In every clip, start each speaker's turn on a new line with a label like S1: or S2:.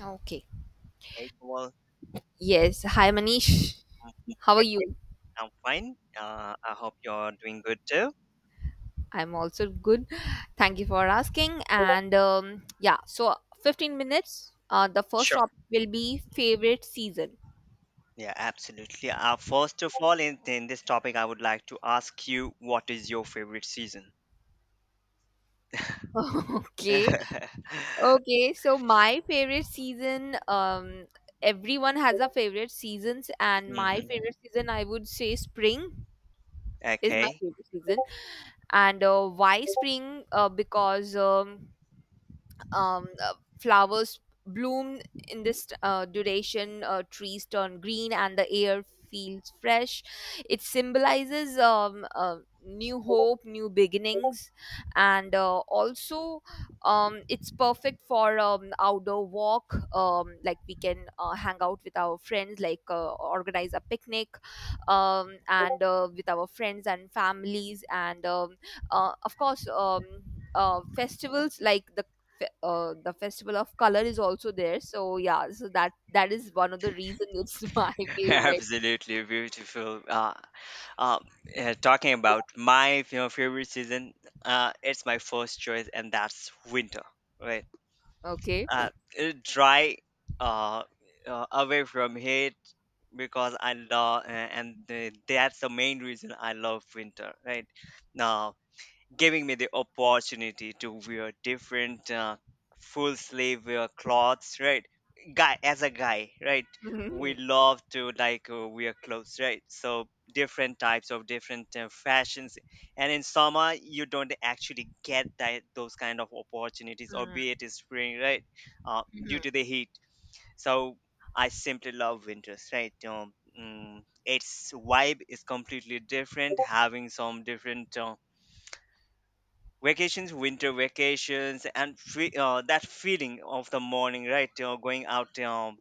S1: Okay.
S2: Hey, well,
S1: Yes. Hi, Manish.
S2: um,
S1: How are
S2: right,
S1: you?
S2: I'm fine. I hope you're doing good too.
S1: I'm also good. Thank you for asking. And yeah, so 15 minutes. The first
S2: Sure.
S1: topic will be favorite season.
S2: Yeah, absolutely. First of all, in this topic, I would like to ask you, what is your favorite season?
S1: Okay.
S2: hmm
S1: Okay. So my favorite season, everyone has a favorite seasons, and my favorite season, I would say spring is my
S2: Okay.
S1: favorite season. And why spring? Because flowers bloom in this duration, trees turn green and the air feels fresh. It symbolizes new hope, new beginnings, and also, it's perfect for outdoor walk, like we can hang out with our friends, like organize a picnic and with our friends and families, and of course, festivals like the the festival of color is also there, so yeah, so that is one of the reasons. It's my favorite.
S2: Absolutely beautiful. Uh, Talking about my favorite season, it's my first choice, and that's winter. Right.
S1: Okay.
S2: uh, it dry, uh, away from heat, because I love, and that's the main reason I love winter right now, giving me the opportunity to wear different full sleeve clothes, right? Guy as a guy, right, we
S1: Mhm.
S2: love to like wear clothes, right? So different types of different fashions. And in summer, you don't actually get that, those kind of opportunities, or
S1: Mhm.
S2: be it is spring, right? Due
S1: Mhm.
S2: to the heat. So I simply love winters, right? Mm, its vibe is completely different, having some different vacations, winter vacations. That feeling of the morning, right, going out, um,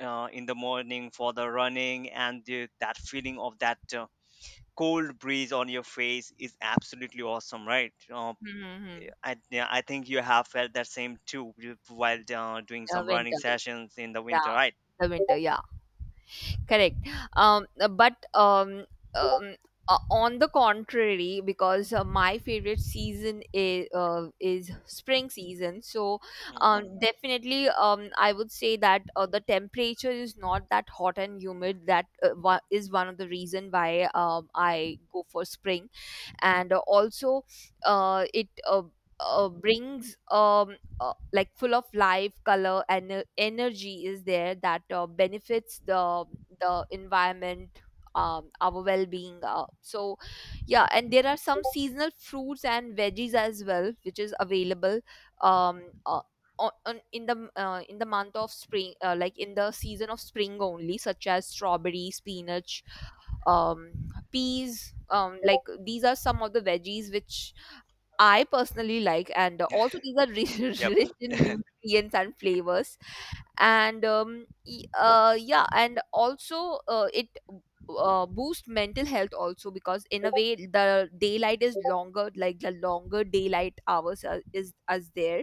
S2: uh, in the morning for the running, that feeling of that cold breeze on your face is absolutely awesome, right?
S1: Mhm. Mhm.
S2: Yeah, I think you have felt that same too, while doing
S1: uh,
S2: some running
S1: winter
S2: sessions in the winter,
S1: yeah,
S2: right?
S1: the winter, yeah, correct. Um but um on the contrary, because my favorite season is spring season, so
S2: Hmm.
S1: definitely, I would say that the temperature is not that hot and humid. That is one of the reason why I go for spring. And also, it brings like full of life, color, and energy is there, that benefits the environment, our well-being, so yeah. And there are some seasonal fruits and veggies as well which is available, um, uh, on in the month of spring, like in the season of spring only, such as strawberry, spinach, um peas. Like these are some of the veggies which I personally like, and also these are rich,
S2: Yep.
S1: rich in nutrients and flavors. Yeah, and also it boost mental health also, because in a way the daylight is longer, like the longer daylight hours are, is as there,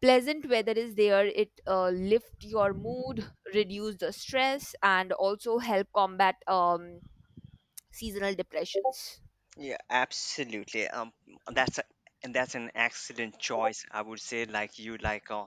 S1: pleasant weather is there, it lift your mood, reduce the stress, and also help combat seasonal depressions.
S2: Yeah, absolutely. That's a, and that's an excellent choice, I would say. Like, you like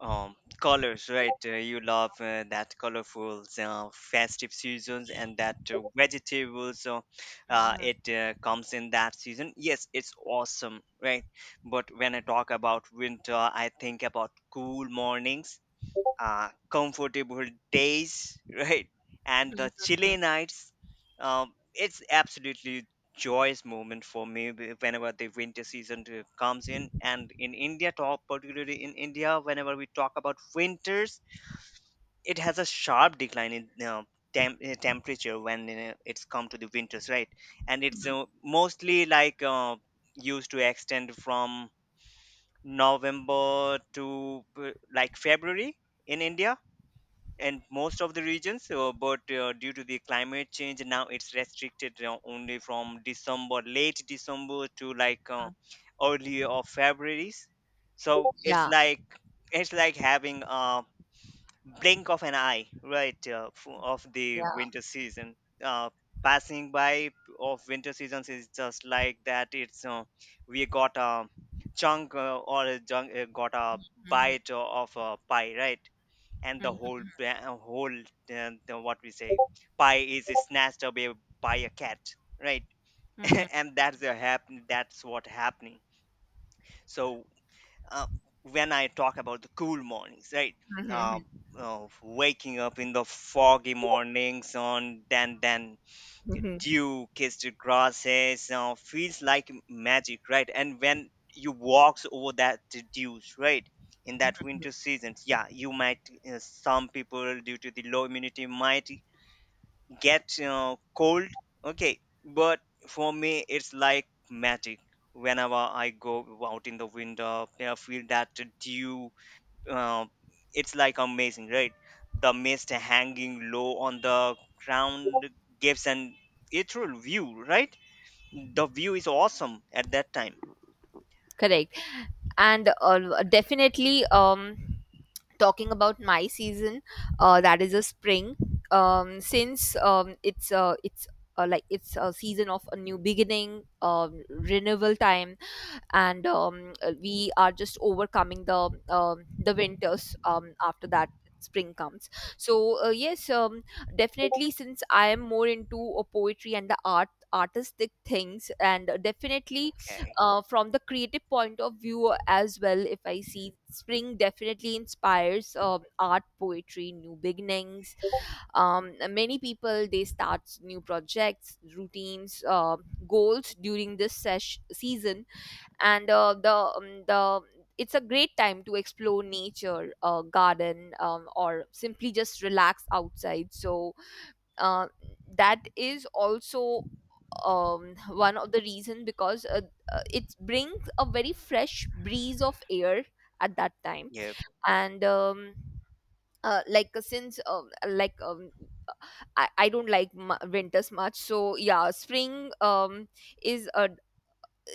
S2: um colors, right? You love that colorful, festive seasons, and that vegetables
S1: Mhm,
S2: it comes in that season. Yes, it's awesome, right? But when I talk about winter, I think about cool mornings, comfortable days, right? And
S1: mhm,
S2: the chilly
S1: mhm,
S2: nights. It's absolutely joyous moment for me whenever the winter season comes in. And in India, talk particularly in India, whenever we talk about winters, it has a sharp decline in temperature when it's come to the winters, right? And it's mostly like used to extend from November to like February in India, and most of the regions. But due to the climate change, now it's restricted only from December, late December, to like
S1: mhm.
S2: early of February's. So it's
S1: Yeah,
S2: like, it's like having a blink of an eye, right, of the
S1: yeah.
S2: winter season, uh, passing by of winter seasons. Is just like that. It's we got a chunk, or a junk, got a
S1: Mhm,
S2: bite of a pie, right? And the
S1: mhm,
S2: whole, what we say, pie is snatched away by a cat, right?
S1: mhm,
S2: And that's the happen, that's what happening. So, uh, when I talk about the cool mornings, right, uh,
S1: mhm,
S2: waking up in the foggy mornings on then
S1: mhm,
S2: dew-kissed grasses, feels like magic, right? And when you walks over that dews, right, in that
S1: mhm.
S2: winter seasons, yeah, you might, some people, due to the low immunity, might get cold. Okay, but for me, it's like magic. Whenever I go out in the winter, I feel that dew, uh, it's like amazing, right? The mist hanging low on the ground gives an ethereal view, right? The view is awesome at that time.
S1: Correct. And definitely, talking about my season, that is a spring. Since it's It's like it's a season of a new beginning, renewal time. And we are just overcoming the winters, after that spring comes. So yes, definitely, since I am more into poetry and the artistic things, and definitely,
S2: Okay.
S1: from the creative point of view as well, if I see, spring definitely inspires art, poetry, new beginnings. Many people they start new projects, routines, goals during this season. And the it's a great time to explore nature, garden, or simply just relax outside. So uh, that is also one of the reason, because it brings a very fresh breeze of air at that time.
S2: Yep.
S1: And like since like I don't like winters much, so yeah, spring, is a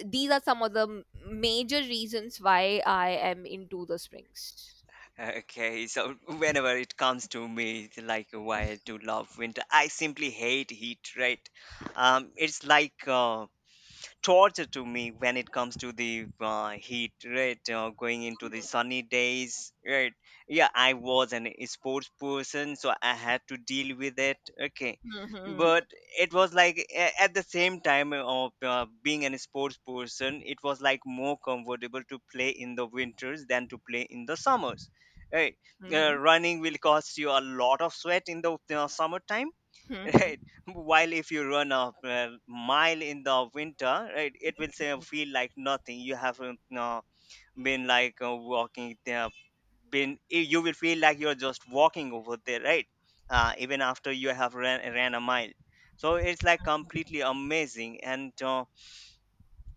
S1: these are some of the major reasons why I am into the springs.
S2: Okay, so whenever it comes to me, it's like, why I do love winter? I simply hate heat, right? It's like torture to me when it comes to the heat, right, going into the sunny days, right? Yeah, I was an sports person, so I had to deal with it, okay?
S1: Mhm.
S2: But it was like at the same time of being an sports person, it was like more comfortable to play in the winters than to play in the summers, right?
S1: Mhm.
S2: Running will cost you a lot of sweat in the summertime.
S1: Mhm.
S2: Right? While if you run a mile in the winter, right, it will say feel like nothing, you haven't been like walking there, you will feel like you're just walking over there, right, even after you have ran a mile. So it's like completely amazing. And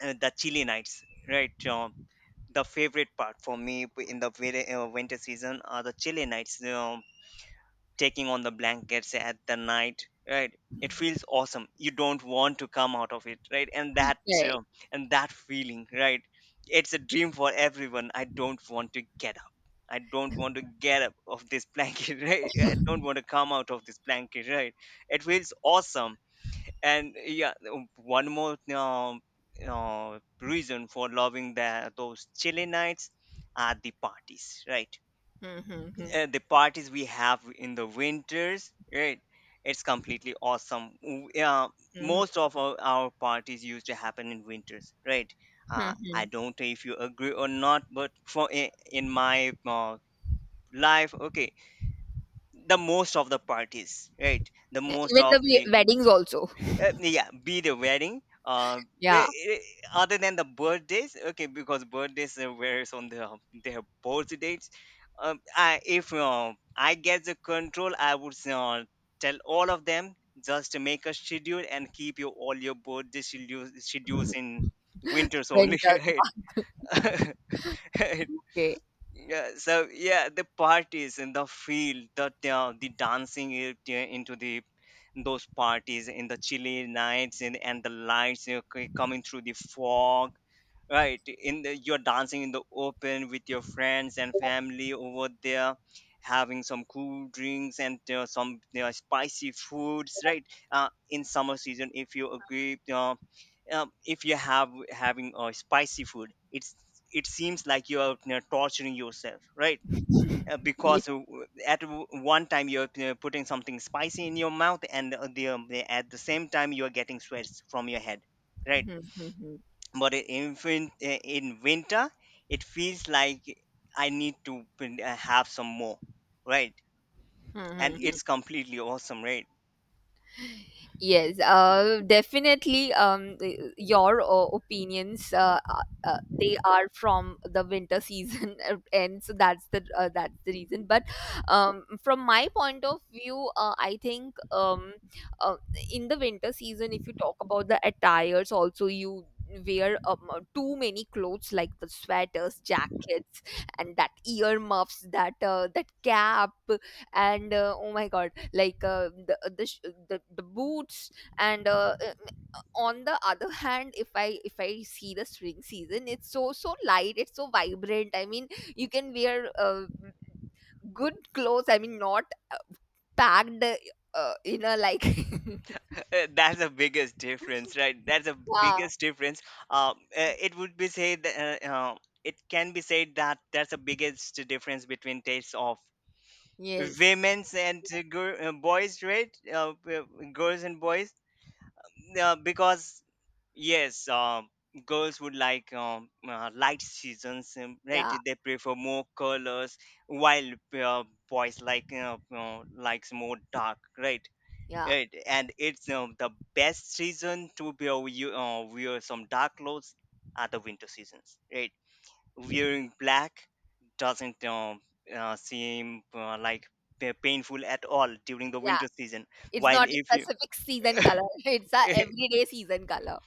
S2: The chilly nights, right? The favorite part for me in the very, winter season are the chilly nights. Um, taking on the blankets at the night, right? It feels awesome, you don't want to come out of it, right? And that, uh,
S1: Correct.
S2: and that feeling, right? It's a dream for everyone. I don't want to get up, I don't want to get up of this blanket, right? I don't want to come out of this blanket, right? It feels awesome. And yeah, one more reason for loving those chilly nights are the parties, right?
S1: Mhm. Mhm.
S2: The parties we have in the winters, right? It's completely awesome. Yeah,
S1: Mhm.
S2: most of our parties used to happen in winters, right? I
S1: Mhm.
S2: don't know if you agree or not, but for in my life, okay, the most of the parties, right, the
S1: Yeah,
S2: most
S1: even
S2: of
S1: the
S2: the
S1: weddings also.
S2: yeah, be the wedding.
S1: Yeah.
S2: Other than the birthdays, okay, because birthdays varies on the their birth dates. I, if I get the control, I would tell all of them just to make a schedule and keep your all your birthday schedules in winters only,
S1: Winters.
S2: right?
S1: Okay.
S2: Yeah, so yeah, the parties and the field, the dancing it, into the those parties in the chilly nights, and the lights, you know, coming through the fog, right? In the, you're dancing in the open with your friends and family over there, having some cool drinks and some spicy foods, right? In summer season, if you agree, if you have having spicy food, it's, it seems like you are, you know, torturing yourself, right?
S1: Yeah.
S2: Because at one time, you're putting something spicy in your mouth, and at the same time you're getting sweats from your head, right?
S1: Mhm. Mhm.
S2: But in winter, it feels like I need to have some more, right? And
S1: Mhm.
S2: it's completely awesome, right?
S1: Yes, definitely. Your opinions, they are from the winter season, and so that's the reason. But from my point of view, I think, uh, in the winter season, if you talk about the attires, also you wear too many clothes, like the sweaters, jackets, and that earmuffs, that that cap, and oh my god, like the boots, and on the other hand, if I see the spring season, it's so so light, it's so vibrant, I mean you can wear good clothes, I mean not uh, packed in a like
S2: That's the biggest difference, right? That's the
S1: yeah.
S2: biggest difference. It would be said that, it can be said that that's the biggest difference between tastes of
S1: Yes.
S2: women's and gir- boys right girls and boys, because, yes, girls would like, light seasons, right,
S1: Yeah.
S2: they prefer more colors, while, uh, boys likes more dark, right?
S1: Yeah.
S2: Right, and it's the best season to be, wear some dark clothes are the winter seasons, right? Wearing black doesn't seem like painful at all during the
S1: Yeah,
S2: winter season.
S1: it's
S2: While
S1: not
S2: if
S1: a
S2: you
S1: specific season color, it's a everyday season color.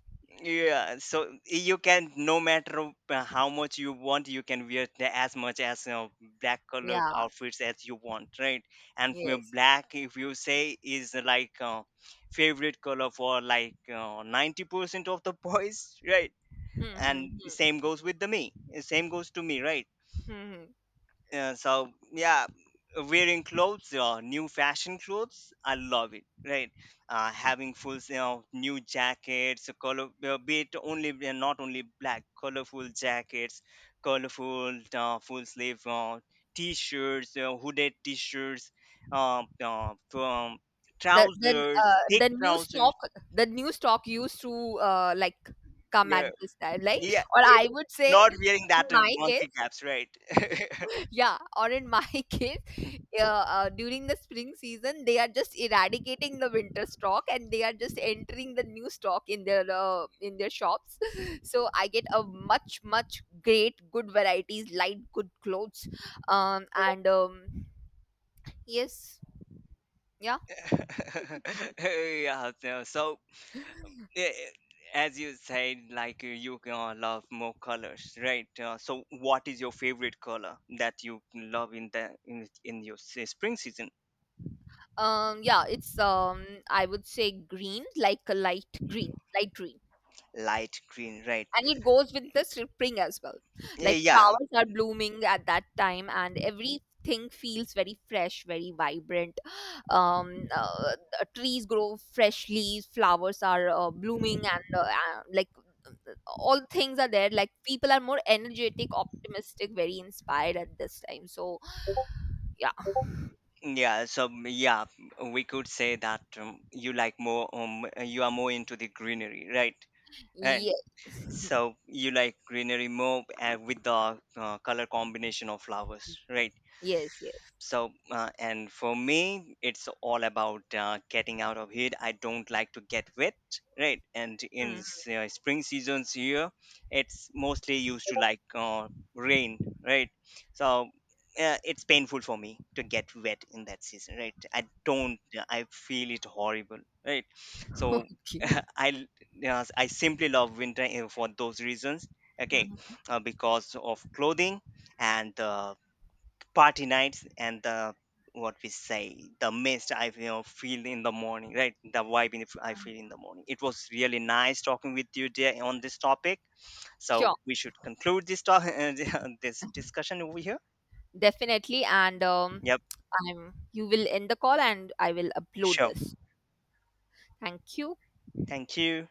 S2: yeah, so you can, no matter how much you want, you can wear as much as, you know, black color
S1: Yeah.
S2: outfits as you want, right? And for
S1: Yes.
S2: black, if you say, is like favorite color for like 90% of the boys, right?
S1: Hmm, hmm,
S2: And
S1: hmm,
S2: same goes with the me, same goes to me, right?
S1: hmm, hmm.
S2: Yeah, so yeah, wearing clothes, new fashion clothes, I love it. Right, having full, you know, new jackets, a color, be it only not only black, colorful jackets, colorful full sleeve t-shirts, hooded t-shirts, from
S1: the then
S2: trousers,
S1: uh,
S2: thick
S1: the new
S2: trousers.
S1: stock the new stock used to like come at
S2: Yeah,
S1: this time, like,
S2: yeah,
S1: or I would say
S2: not wearing
S1: in
S2: that
S1: my
S2: monkey
S1: case
S2: caps, right?
S1: yeah, or in my case, uh, during the spring season they are just eradicating the winter stock and they are just entering the new stock in their shops, so I get a much much great good varieties, light good clothes. And Yes. Yeah.
S2: Yeah, so, so, yeah, as you said, like, you love more colors, right? So, what is your favorite color that you love in in your spring season?
S1: Yeah, it's I would say green, like a light green,
S2: Light green, right?
S1: and it goes with the spring as well. Like
S2: Yeah,
S1: flowers are blooming at that time, and everything feels very fresh, very vibrant. The trees grow fresh leaves, flowers are blooming, and like all things are there. Like people are more energetic, optimistic, very inspired at this time. So yeah,
S2: yeah. So, yeah, we could say that you like more. You are more into the greenery, right? And
S1: yes,
S2: so you like greenery more with the color combination of flowers, right?
S1: yes, yes.
S2: So, and for me, it's all about getting out of heat. I don't like to get wet, right? And in
S1: Mhm.
S2: spring seasons here, it's mostly used to like rain, right? So, it's painful for me to get wet in that season, right? I don't, I feel it horrible, right? So,
S1: Okay.
S2: I, I simply love winter for those reasons, okay?
S1: Mhm.
S2: Because of clothing and the party nights and the, what we say, the mist I, you know, feel in the morning, right? The vibe in, I feel in the morning, it was really nice talking with you there on this topic. So
S1: Sure.
S2: we should conclude this talk, this discussion over here.
S1: Definitely. And
S2: Yep.
S1: I'm, you will end the call and I will upload
S2: Sure.
S1: this. Thank you.
S2: Thank you.